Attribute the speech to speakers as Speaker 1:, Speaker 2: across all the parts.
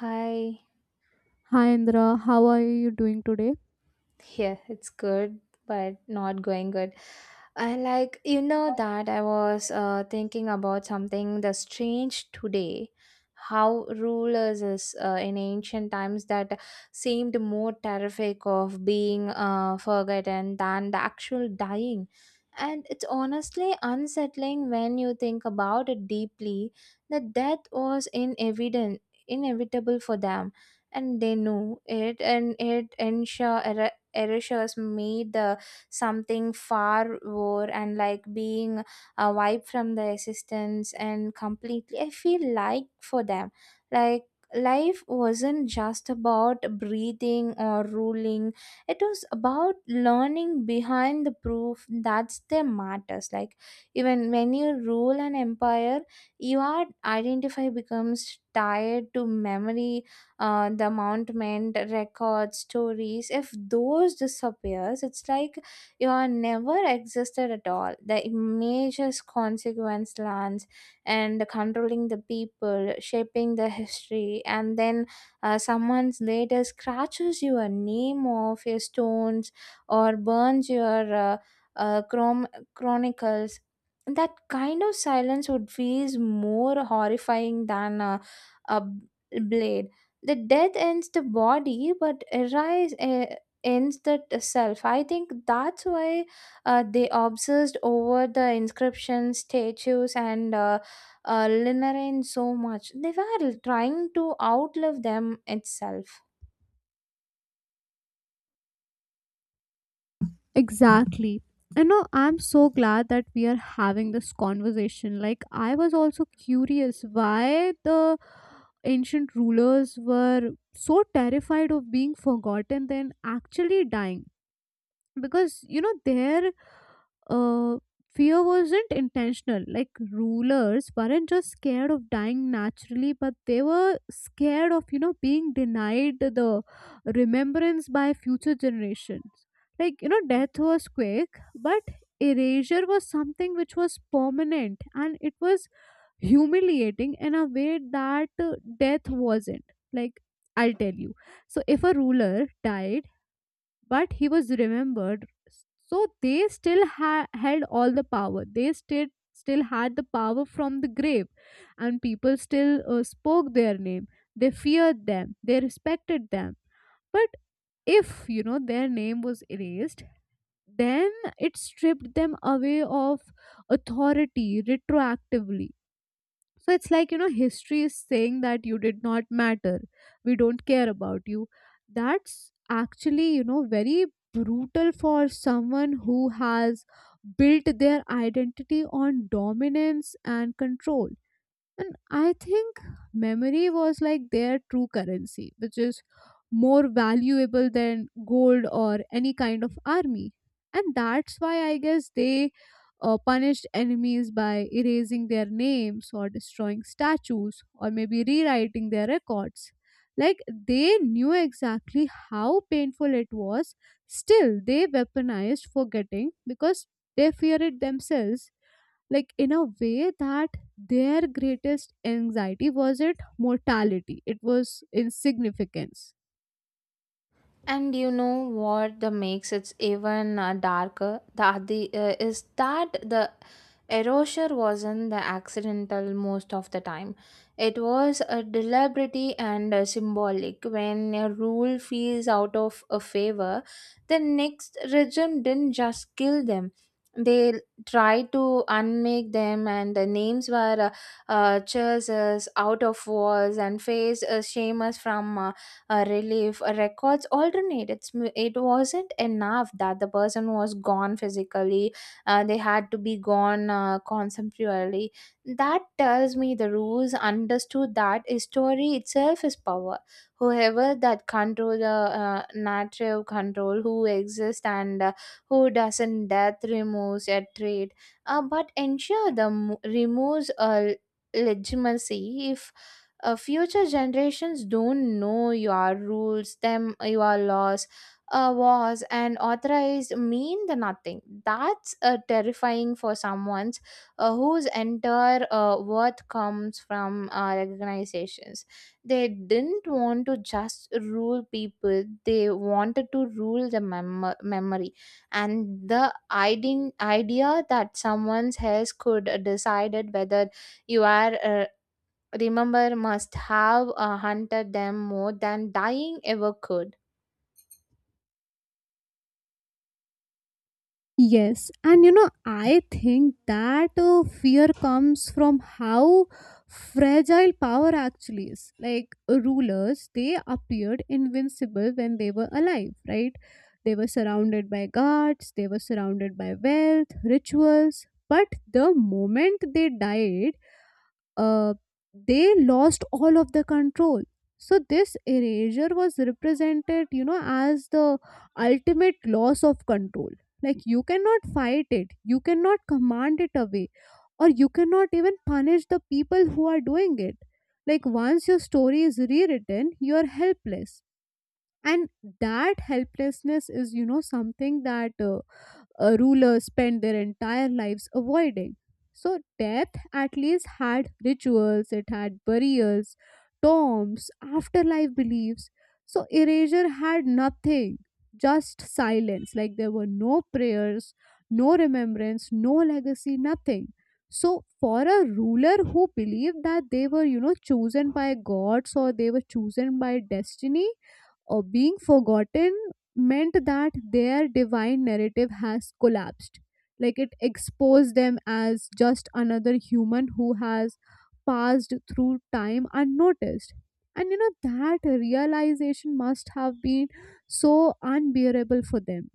Speaker 1: Hi.
Speaker 2: Hi Indra, how are you doing today?
Speaker 1: Yeah, it's good, but not going good. I like, you know, that I was thinking about something that's strange today. How rulers is in ancient times that seemed more terrific of being forgotten than the actual dying. And it's honestly unsettling when you think about it deeply that death was inevitable, inevitable for them, and they knew it, and it ensure erasures made something far more and like being wiped from the existence and completely. I feel like for them, like, life wasn't just about breathing or ruling, it was about learning behind the proof that's the matters. Like, even when you rule an empire, your identify becomes tied to memory. The amountment records stories, if those disappears it's like you are never existed at all. The images consequence lands and controlling the people, shaping the history, and then someone's later scratches your name off your stones or burns your uh, chrom- chronicles. That kind of silence would feel more horrifying than a blade. The death ends the body, but arise ends the self. I think that's why they obsessed over the inscriptions, statues, and linarine so much. They were trying to outlive them itself.
Speaker 2: Exactly. You know, I'm so glad that we are having this conversation. Like, I was also curious why the ancient rulers were so terrified of being forgotten than actually dying, because you know their uh, fear wasn't intentional. Like, rulers weren't just scared of dying naturally, but they were scared of, you know, being denied the remembrance by future generations. Like, you know, death was quick, but erasure was something which was permanent, and it was humiliating in a way that death wasn't. Like, I'll tell you, so if a ruler died but he was remembered, so they had all the power. They still had the power from the grave, and people still spoke their name. They feared them, they respected them. But if, you know, their name was erased, then it stripped them away of authority retroactively. So it's like, you know, history is saying that you did not matter. We don't care about you. That's actually, you know, very brutal for someone who has built their identity on dominance and control. And I think memory was like their true currency, which is more valuable than gold or any kind of army. And that's why I guess they punished enemies by erasing their names or destroying statues or maybe rewriting their records. Like, they knew exactly how painful it was, still, they weaponized forgetting because they fear it themselves, like in a way that their greatest anxiety wasn't mortality, it was insignificance.
Speaker 1: And you know what the makes it even darker? The Is that the erasure wasn't the accidental most of the time. It was a deliberate and symbolic. When a rule feels out of a favor, the next regime didn't just kill them. They tried to unmake them, and the names were chasers out of walls, and faced shames from relief records alternate. It's it wasn't enough that the person was gone physically, they had to be gone conceptually. That tells me the rules understood that a story itself is power. Whoever that control the narrative control who exists and who doesn't. Death removes a trait but ensure the removes a legitimacy. If future generations don't know your rules them, your laws, wars and authorized mean the nothing. That's terrifying for someone's, whose entire worth comes from organizations. They didn't want to just rule people, they wanted to rule the memory. And the idea that someone else could decided whether you are remember must have hunted them more than dying ever could.
Speaker 2: Yes, and you know, I think that fear comes from how fragile power actually is. Like, rulers, they appeared invincible when they were alive, right? They were surrounded by guards, they were surrounded by wealth, rituals, but the moment they died, uh, they lost all of the control. So this erasure was represented, you know, as the ultimate loss of control. Like, you cannot fight it, you cannot command it away, or you cannot even punish the people who are doing it. Like, once your story is rewritten, you are helpless. And that helplessness is, you know, something that rulers spent their entire lives avoiding. So, death at least had rituals, it had burials, tombs, afterlife beliefs. So, erasure had nothing, just silence. Like, there were no prayers, no remembrance, no legacy, nothing. So, for a ruler who believed that they were, you know, chosen by gods or they were chosen by destiny, or being forgotten meant that their divine narrative has collapsed. Like, it exposed them as just another human who has passed through time unnoticed. And you know, that realization must have been so unbearable for them.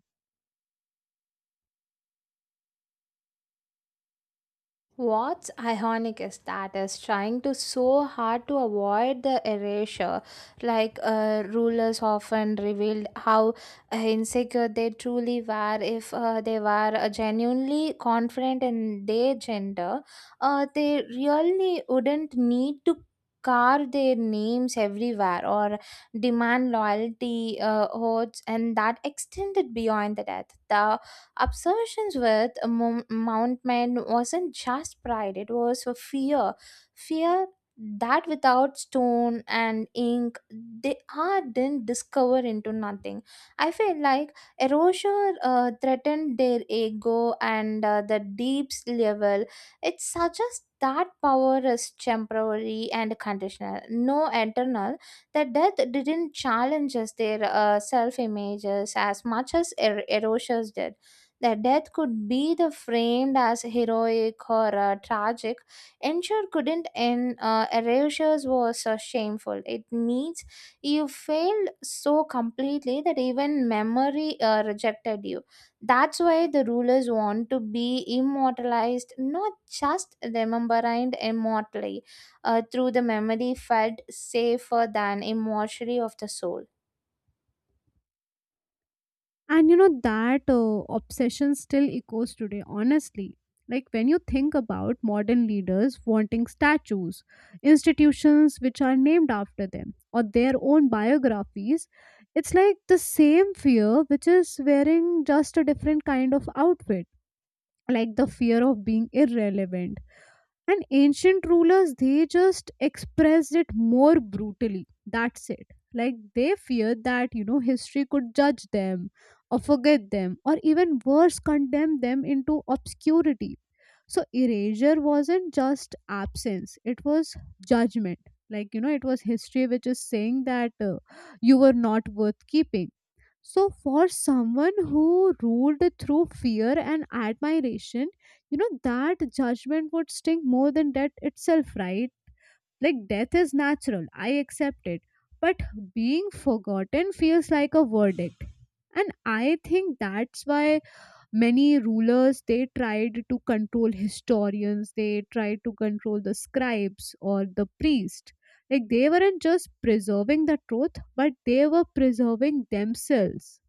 Speaker 1: What's ironic is that is trying to so hard to avoid the erasure. Like, rulers often revealed how insecure they truly were. If they were genuinely confident in their gender, they really wouldn't need to carve their names everywhere or demand loyalty oaths and that extended beyond the death. The obsessions with a Mount man wasn't just pride, it was a fear. Fear that without stone and ink, they are didn't discover into nothing. I feel like erosure threatened their ego and the deeps level. It suggests that power is temporary and conditional, no eternal. That death didn't challenge us their self images as much as erosures did. Their death could be the framed as heroic or tragic. Ensure couldn't end. Erasures was shameful. It means you failed so completely that even memory rejected you. That's why the rulers want to be immortalized, not just remembered immortally, through the memory felt safer than immortality of the soul.
Speaker 2: And you know, that obsession still echoes today, honestly. Like, when you think about modern leaders wanting statues, institutions which are named after them, or their own biographies, it's like the same fear, which is wearing just a different kind of outfit, like the fear of being irrelevant. And ancient rulers, they just expressed it more brutally, that's it. Like, they feared that, you know, history could judge them or forget them or even worse, condemn them into obscurity. So erasure wasn't just absence, it was judgment. Like, you know, it was history which is saying that you were not worth keeping. So, for someone who ruled through fear and admiration, you know, that judgment would sting more than death itself, right? Like, death is natural, I accept it. But being forgotten feels like a verdict. And I think that's why many rulers, they tried to control historians, they tried to control the scribes or the priest. Like, they weren't just preserving the truth, but they were preserving themselves.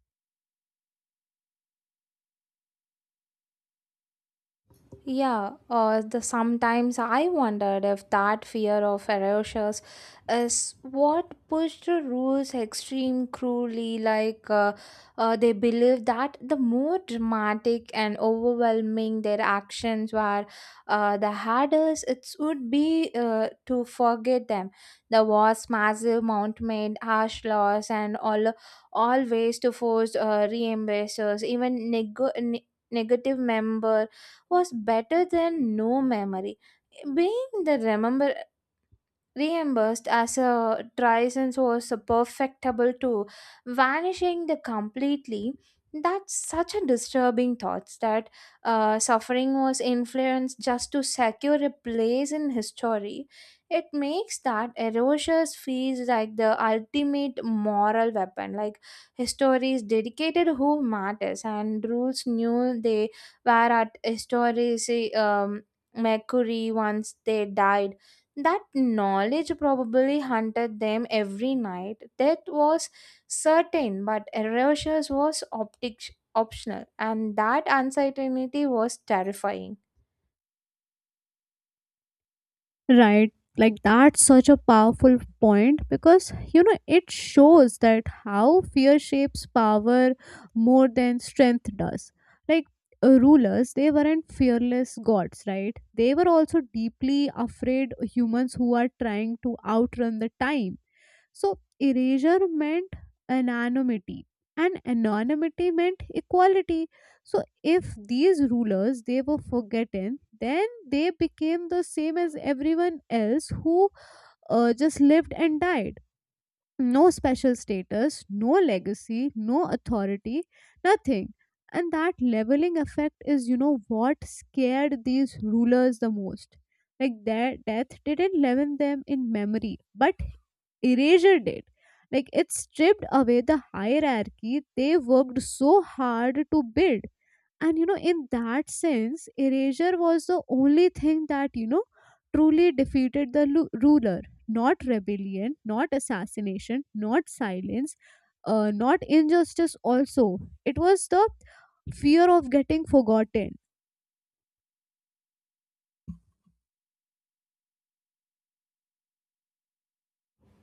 Speaker 1: Yeah, or the sometimes I wondered if that fear of erasures is what pushed the rules extreme cruelly. Like, they believed that the more dramatic and overwhelming their actions were, the harder it would be to forget them. The wars, massive mount made harsh laws, and all ways to force re-embracers, even negative member was better than no memory. Being the remember reimbursed as a Trison's was a perfectable to vanishing the completely. That's such a disturbing thoughts, that suffering was influenced just to secure a place in history. It makes that erosius feels like the ultimate moral weapon. Like, histories dedicated who matters, and rules knew they were at histories mercury once they died. That knowledge probably haunted them every night. Death was certain, but erasure was optional, and that uncertainty was terrifying.
Speaker 2: Right. Like, that's such a powerful point because you know, it shows that how fear shapes power more than strength does. Like, rulers, they weren't fearless gods, right? They were also deeply afraid humans who are trying to outrun the time. So erasure meant anonymity, and anonymity meant equality. So if these rulers they were forgotten, then they became the same as everyone else who just lived and died. No special status, no legacy, no authority, nothing. And that leveling effect is, you know, what scared these rulers the most. Like, their death didn't leaven them in memory, but erased it. Like, it stripped away the hierarchy they worked so hard to build. And you know, in that sense, erasure was the only thing that, you know, truly defeated the ruler. Not rebellion, not assassination, not silence, not injustice also. It was the fear of getting forgotten.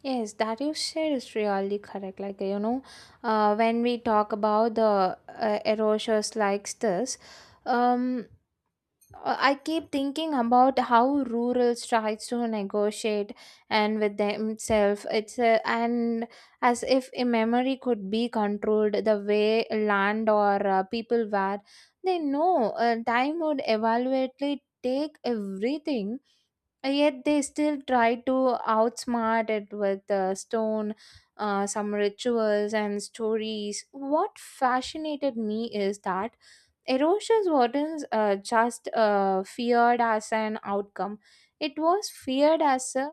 Speaker 1: Yes, that you said is really correct. Like, you know, when we talk about the erasures like this, um, I keep thinking about how rural tries to negotiate and with themselves. It's a, and as if a memory could be controlled the way land or people were. They know time would evaluately take everything, yet they still try to outsmart it with stone, some rituals and stories. What fascinated me is that erosion wasn't just feared as an outcome, it was feared as a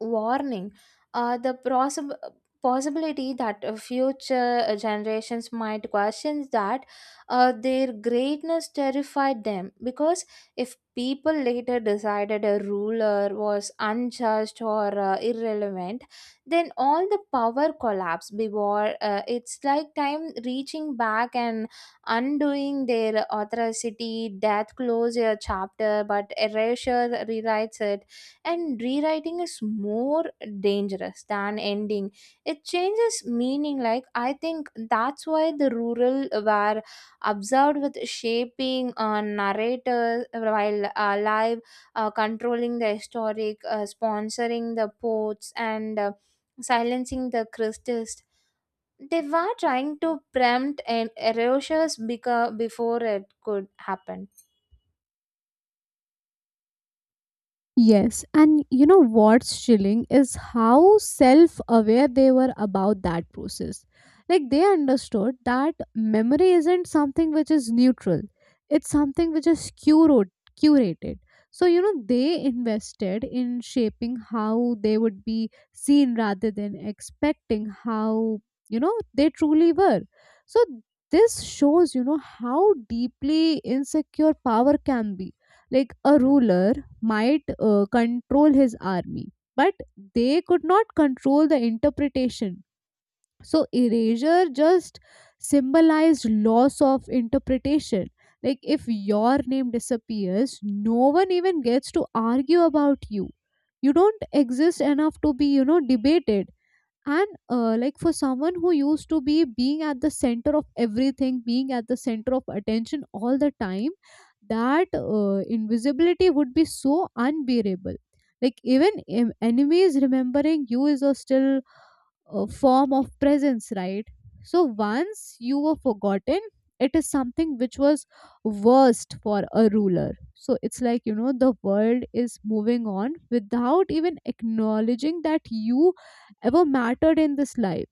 Speaker 1: warning. The possible possibility that future generations might question that their greatness terrified them, because if people later decided a ruler was unjust or irrelevant, then all the power collapsed before it's like time reaching back and undoing their authority. Death close a chapter, but erasure rewrites it, and rewriting is more dangerous than ending. It changes meaning. Like, I think that's why the rural were observed with shaping narrators while alive, controlling the historic, sponsoring the poets, and silencing the christians. They were trying to prompt and erasures before it could happen.
Speaker 2: Yes, and you know what's chilling is how self aware they were about that process. Like, they understood that memory isn't something which is neutral, it's something which is curated. So, you know, they invested in shaping how they would be seen rather than expecting how, you know, they truly were. So, this shows, you know, how deeply insecure power can be. Like, a ruler might control his army, but they could not control the interpretation. So, erasure just symbolized loss of interpretation. Like, if your name disappears, no one even gets to argue about you. You don't exist enough to be, you know, debated. And like, for someone who used to be being at the center of everything, being at the center of attention all the time, that invisibility would be so unbearable. Like, even enemies remembering you is a still form of presence, right? So once you were forgotten, it is something which was worst for a ruler. So it's like, you know, the world is moving on without even acknowledging that you ever mattered in this life.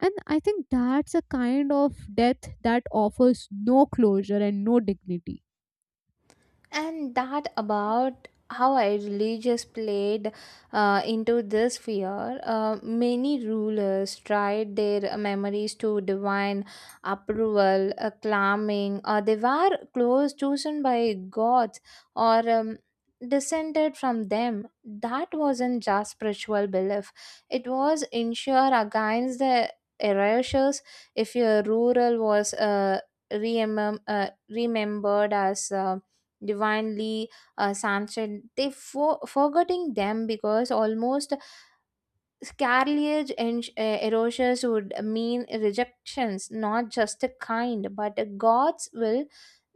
Speaker 2: And I think that's a kind of death that offers no closure and no dignity.
Speaker 1: And that about how I religious played into this fear. Many rulers tried their memories to divine approval, acclaiming, or they were close chosen by gods or descended from them. That wasn't just spiritual belief; it was ensure against the erasures. If your rural was remem- uh, remembered as divinely samson, they forgetting them because almost scarliage and erasures would mean rejections, not just a kind, but a God's will.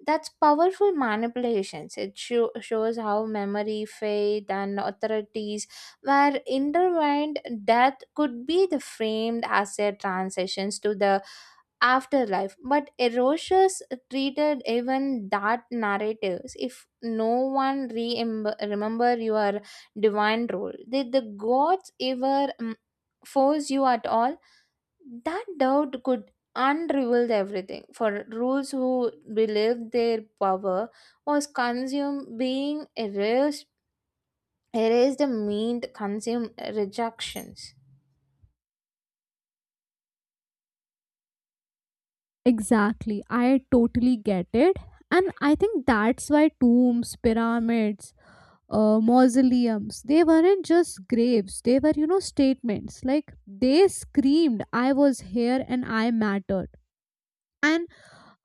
Speaker 1: That's powerful manipulations. It shows how memory, faith, and authorities were intertwined. Death could be the framed as a transitions to the afterlife, but erosius treated even that narratives. If no one remember your divine role, did the gods ever force you at all? That doubt could unreveal everything. For rules who believed their power was consumed being erased, erased meant consumed rejections.
Speaker 2: Exactly. I totally get it. And I think that's why tombs, pyramids, mausoleums. They weren't just graves, they were, you know, statements. Like, they screamed, I was here and I mattered. And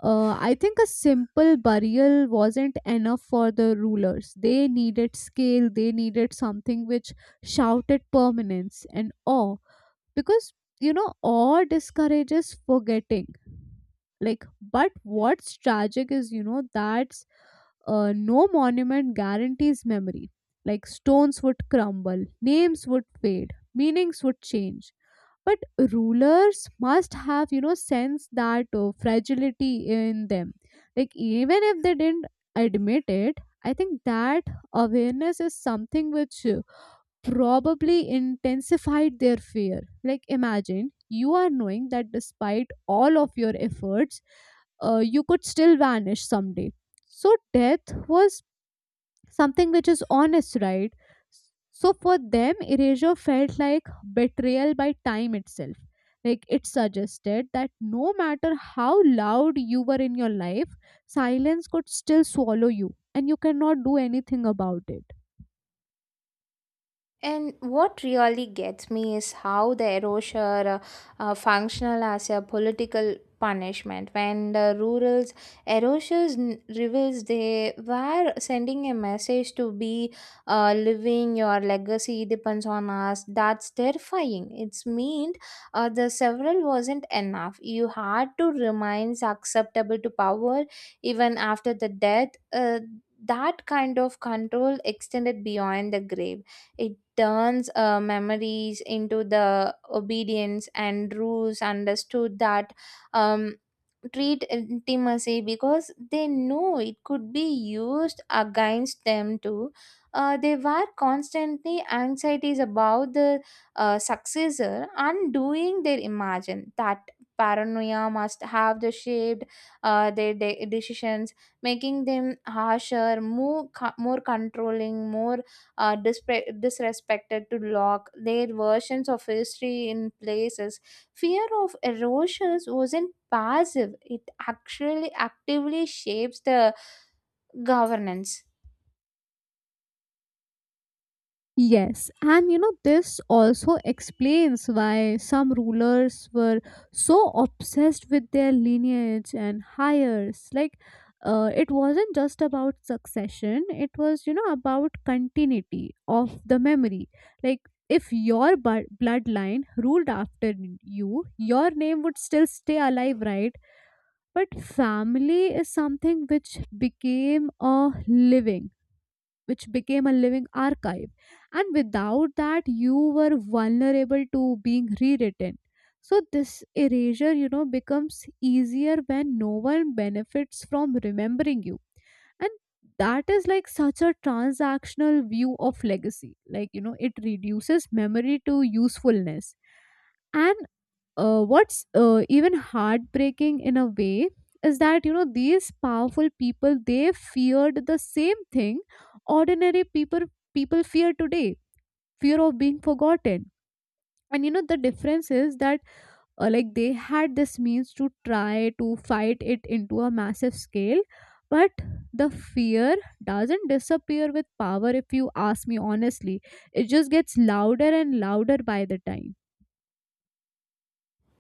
Speaker 2: I think a simple burial wasn't enough for the rulers. They needed scale, they needed something which shouted permanence and awe. Because, you know, awe discourages forgetting. Like, but what's tragic is, you know, that no monument guarantees memory. Like, stones would crumble, names would fade, meanings would change. But rulers must have, you know, sense that fragility in them. Like, even if they didn't admit it, I think that awareness is something which probably intensified their fear. Like, imagine you are knowing that despite all of your efforts, you could still vanish someday. So death was something which is honest, right? So for them, erasure felt like betrayal by time itself. Like, it suggested that no matter how loud you were in your life, silence could still swallow you and you cannot do anything about it.
Speaker 1: And what really gets me is how the erosure functional as a political punishment. When the rural's erosures reveals they were sending a message to be living your legacy depends on us. That's terrifying. It's meant the several wasn't enough, you had to remain acceptable to power even after the death. That kind of control extended beyond the grave. It turns memories into the obedience, and rules understood that um, treat intimacy because they know it could be used against them too. They were constantly anxieties about the successor undoing their imagine. That paranoia must have the shaped their decisions, making them harsher, more controlling, more disrespected to lock their versions of history in places. Fear of erosions wasn't passive, it actually actively shapes the governance.
Speaker 2: Yes, and you know, this also explains why some rulers were so obsessed with their lineage and hires. Like, it wasn't just about succession, it was, you know, about continuity of the memory. Like, if your bloodline ruled after you, your name would still stay alive, right? But family is something which became a living, archive. And without that, you were vulnerable to being rewritten. So, this erasure, you know, becomes easier when no one benefits from remembering you. And that is like such a transactional view of legacy. Like, you know, it reduces memory to usefulness. And what's even heartbreaking in a way is that you know, these powerful people, they feared the same thing ordinary people fear today, fear of being forgotten. And you know, the difference is that like, they had this means to try to fight it into a massive scale, but the fear doesn't disappear with power, if you ask me honestly. It just gets louder and louder by the time.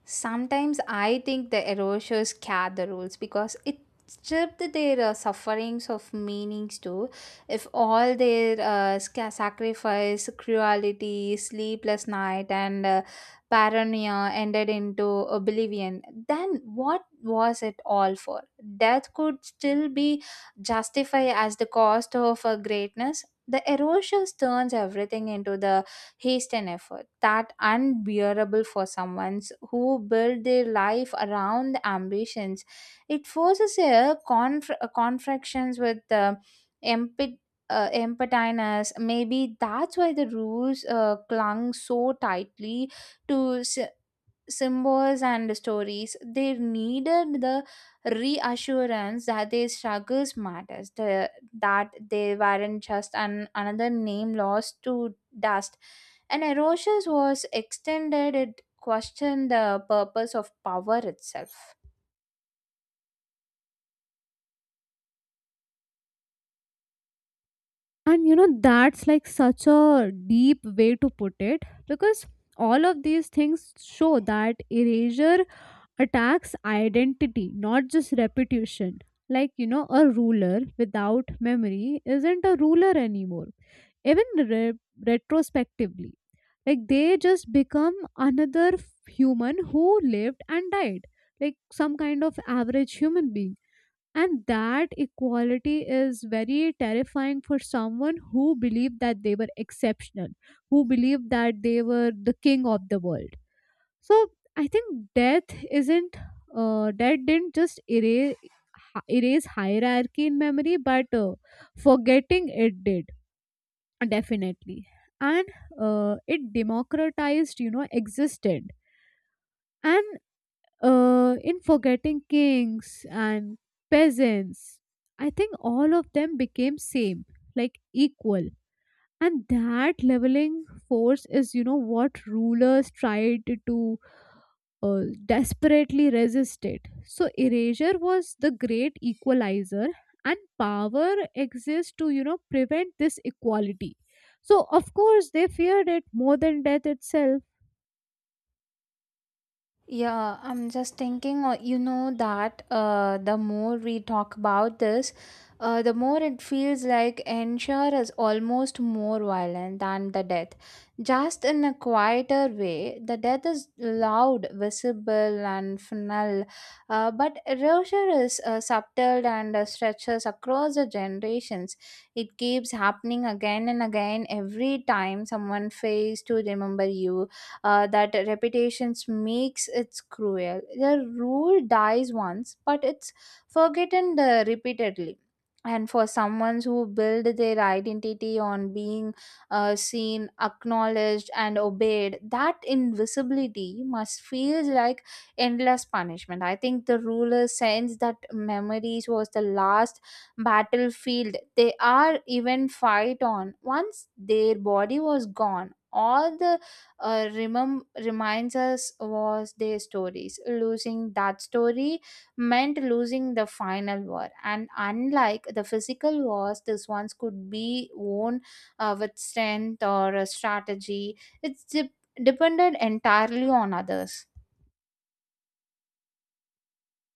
Speaker 1: Sometimes I think the erasures scare the rules because it stripped their sufferings of meanings too. If all their sacrifice, cruelty, sleepless night, and paranoia ended into oblivion, then what was it all for? Death could still be justified as the cost of greatness. The erasures turns everything into the haste and effort. That unbearable for someone who build their life around the ambitions. It forces a confractions with the empty emptiness. Maybe that's why the rules clung so tightly to symbols and stories. They needed the reassurance that their struggles matters, that they weren't just another name lost to dust, and erosions was extended. It questioned the purpose of power itself.
Speaker 2: And you know, that's like such a deep way to put it, because all of these things show that erasure attacks identity, not just repetition. Like, you know, a ruler without memory isn't a ruler anymore, even retrospectively. Like, they just become another human who lived and died, like some kind of average human being. And that equality is very terrifying for someone who believed that they were exceptional, who believed that they were the king of the world. So, I think isn't death didn't just erase hierarchy in memory, but forgetting it did, definitely. And it democratized, you know, existed. And in forgetting, kings and peasants, I think all of them became same, like equal. And that leveling force is, you know, what rulers tried to desperately resist it. So erasure was the great equalizer, and power exists to, you know, prevent this equality. So of course they feared it more than death itself.
Speaker 1: Yeah, I'm just thinking, that the more we talk about this, the more it feels like ensure is almost more violent than the death, just in a quieter way. The death is loud, visible, and final, but erasure is subtle and stretches across the generations. It keeps happening again and again every time someone fails to remember you. That repetitions makes it cruel. The rule dies once, but it's forgotten repeatedly. And for someone who build their identity on being seen, acknowledged, and obeyed, that invisibility must feel like endless punishment. I think the ruler sense that memories was the last battlefield they are even fight on. Once their body was gone, all the reminds us was their stories. Losing that story meant losing the final war, and unlike the physical wars, these ones could be won with strength or a strategy. It's depended entirely on others.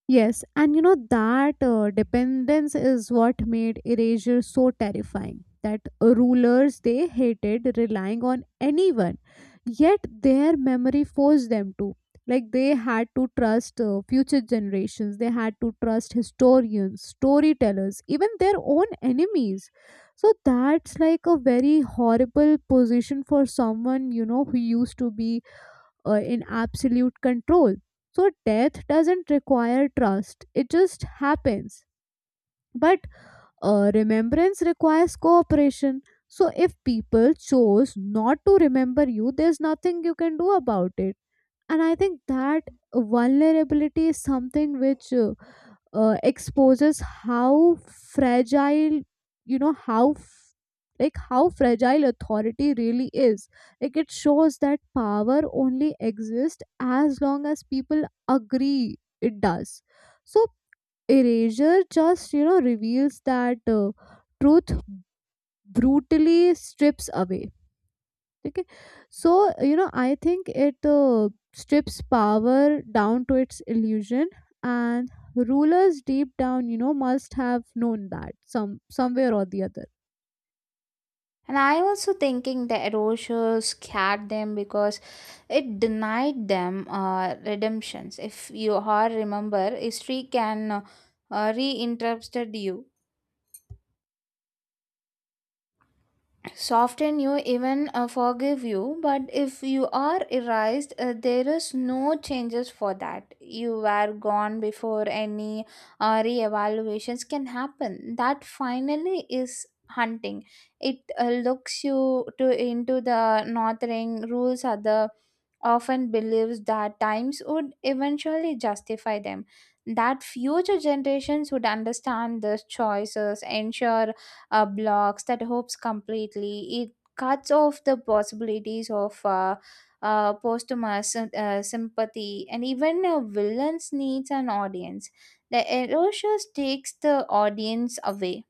Speaker 2: Yes, and you know that dependence is what made erasure so terrifying. That rulers, they hated relying on anyone, yet their memory forced them to. Like, they had to trust future generations, they had to trust historians, storytellers, even their own enemies. So that's like a very horrible position for someone, you know, who used to be in absolute control. So death doesn't require trust, it just happens. But remembrance requires cooperation. So if people chose not to remember you, there's nothing you can do about it. And I think that vulnerability is something which exposes how fragile, you know, like how fragile authority really is. Like, it shows that power only exists as long as people agree it does. So erasure just, you know, reveals that truth, brutally strips away. ठीक है. So, you know, I think it strips power down to its illusion. And rulers, deep down, you know, must have known that somewhere or the other.
Speaker 1: And I also thinking the erosion scared them because it denied them redemptions. If you are remember, history can reinterrupt you, soften you, even forgive you, but if you are erased, there is no changes for that. You were gone before any re-evaluations can happen. That finally is hunting. It looks you to into the northering rules are the often believes that times would eventually justify them, that future generations would understand these choices. Ensure blocks that hopes completely. It cuts off the possibilities of posthumous sympathy, and even a villain's needs an audience. The erasure takes the audience away.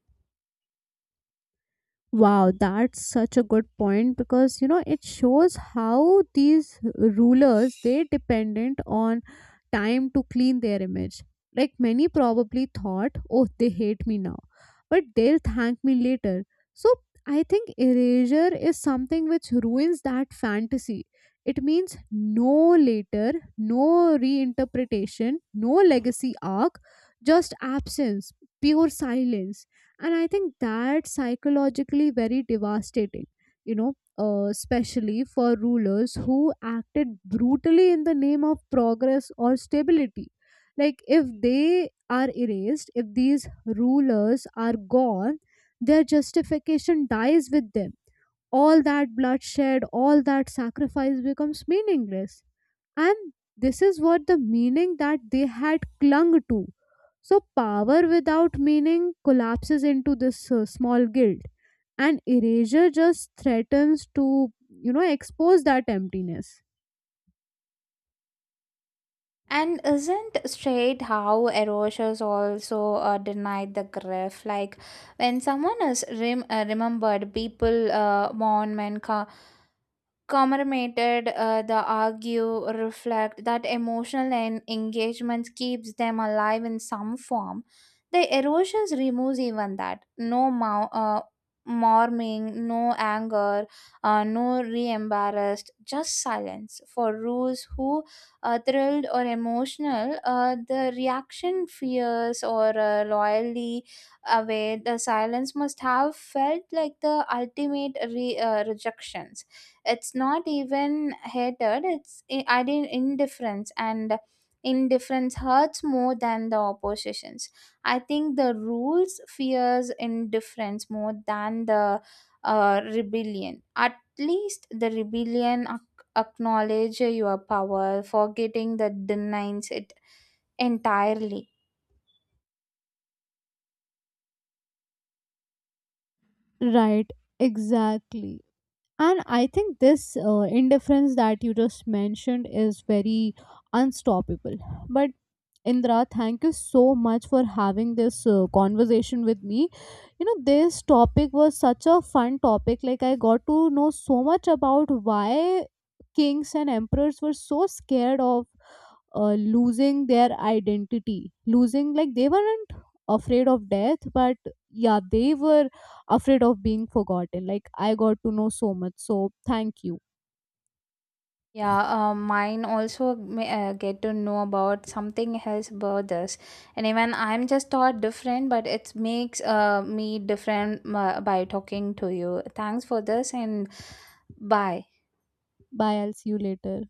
Speaker 2: Wow, that's such a good point because you know, it shows how these rulers they dependent on time to clean their image. Like, many probably thought, oh, they hate me now, but they'll thank me later. So I think erasure is something which ruins that fantasy. It means no later, no reinterpretation, no legacy arc, just absence, pure silence. And I think that's psychologically very devastating, you know, especially for rulers who acted brutally in the name of progress or stability. Like, if they are erased, if these rulers are gone, their justification dies with them. All that bloodshed, all that sacrifice becomes meaningless. And this is what the meaning that they had clung to. So power without meaning collapses into this small guilt, and erasure just threatens to, you know, expose that emptiness.
Speaker 1: And isn't straight how erasures also denied the grief? Like, when someone is remembered, people mourn, men, commemorated the argue reflect. That emotional engagements keeps them alive in some form. The erosions removes even that. No mourning, no anger, no re-embarrassed, just silence. For rules who thrilled or emotional, the reaction fears or loyally away, the silence must have felt like the ultimate rejections. It's not even hatred, it's I didn't indifference, and indifference hurts more than the oppositions. I think the rules fears indifference more than the rebellion. At least the rebellion acknowledge your power, forgetting that denies it entirely.
Speaker 2: Right, exactly. And I think this indifference that you just mentioned is very unstoppable. But Indra, thank you so much for having this conversation with me. You know, this topic was such a fun topic. Like, I got to know so much about why kings and emperors were so scared of losing their identity. Losing, like, they weren't afraid of death, but yeah, they were afraid of being forgotten. Like, I got to know so much. So, thank you.
Speaker 1: Yeah, mine also may, get to know about something else about this, and even I'm just thought different, but it makes me different by talking to you. Thanks for this, and bye.
Speaker 2: Bye. I'll see you later.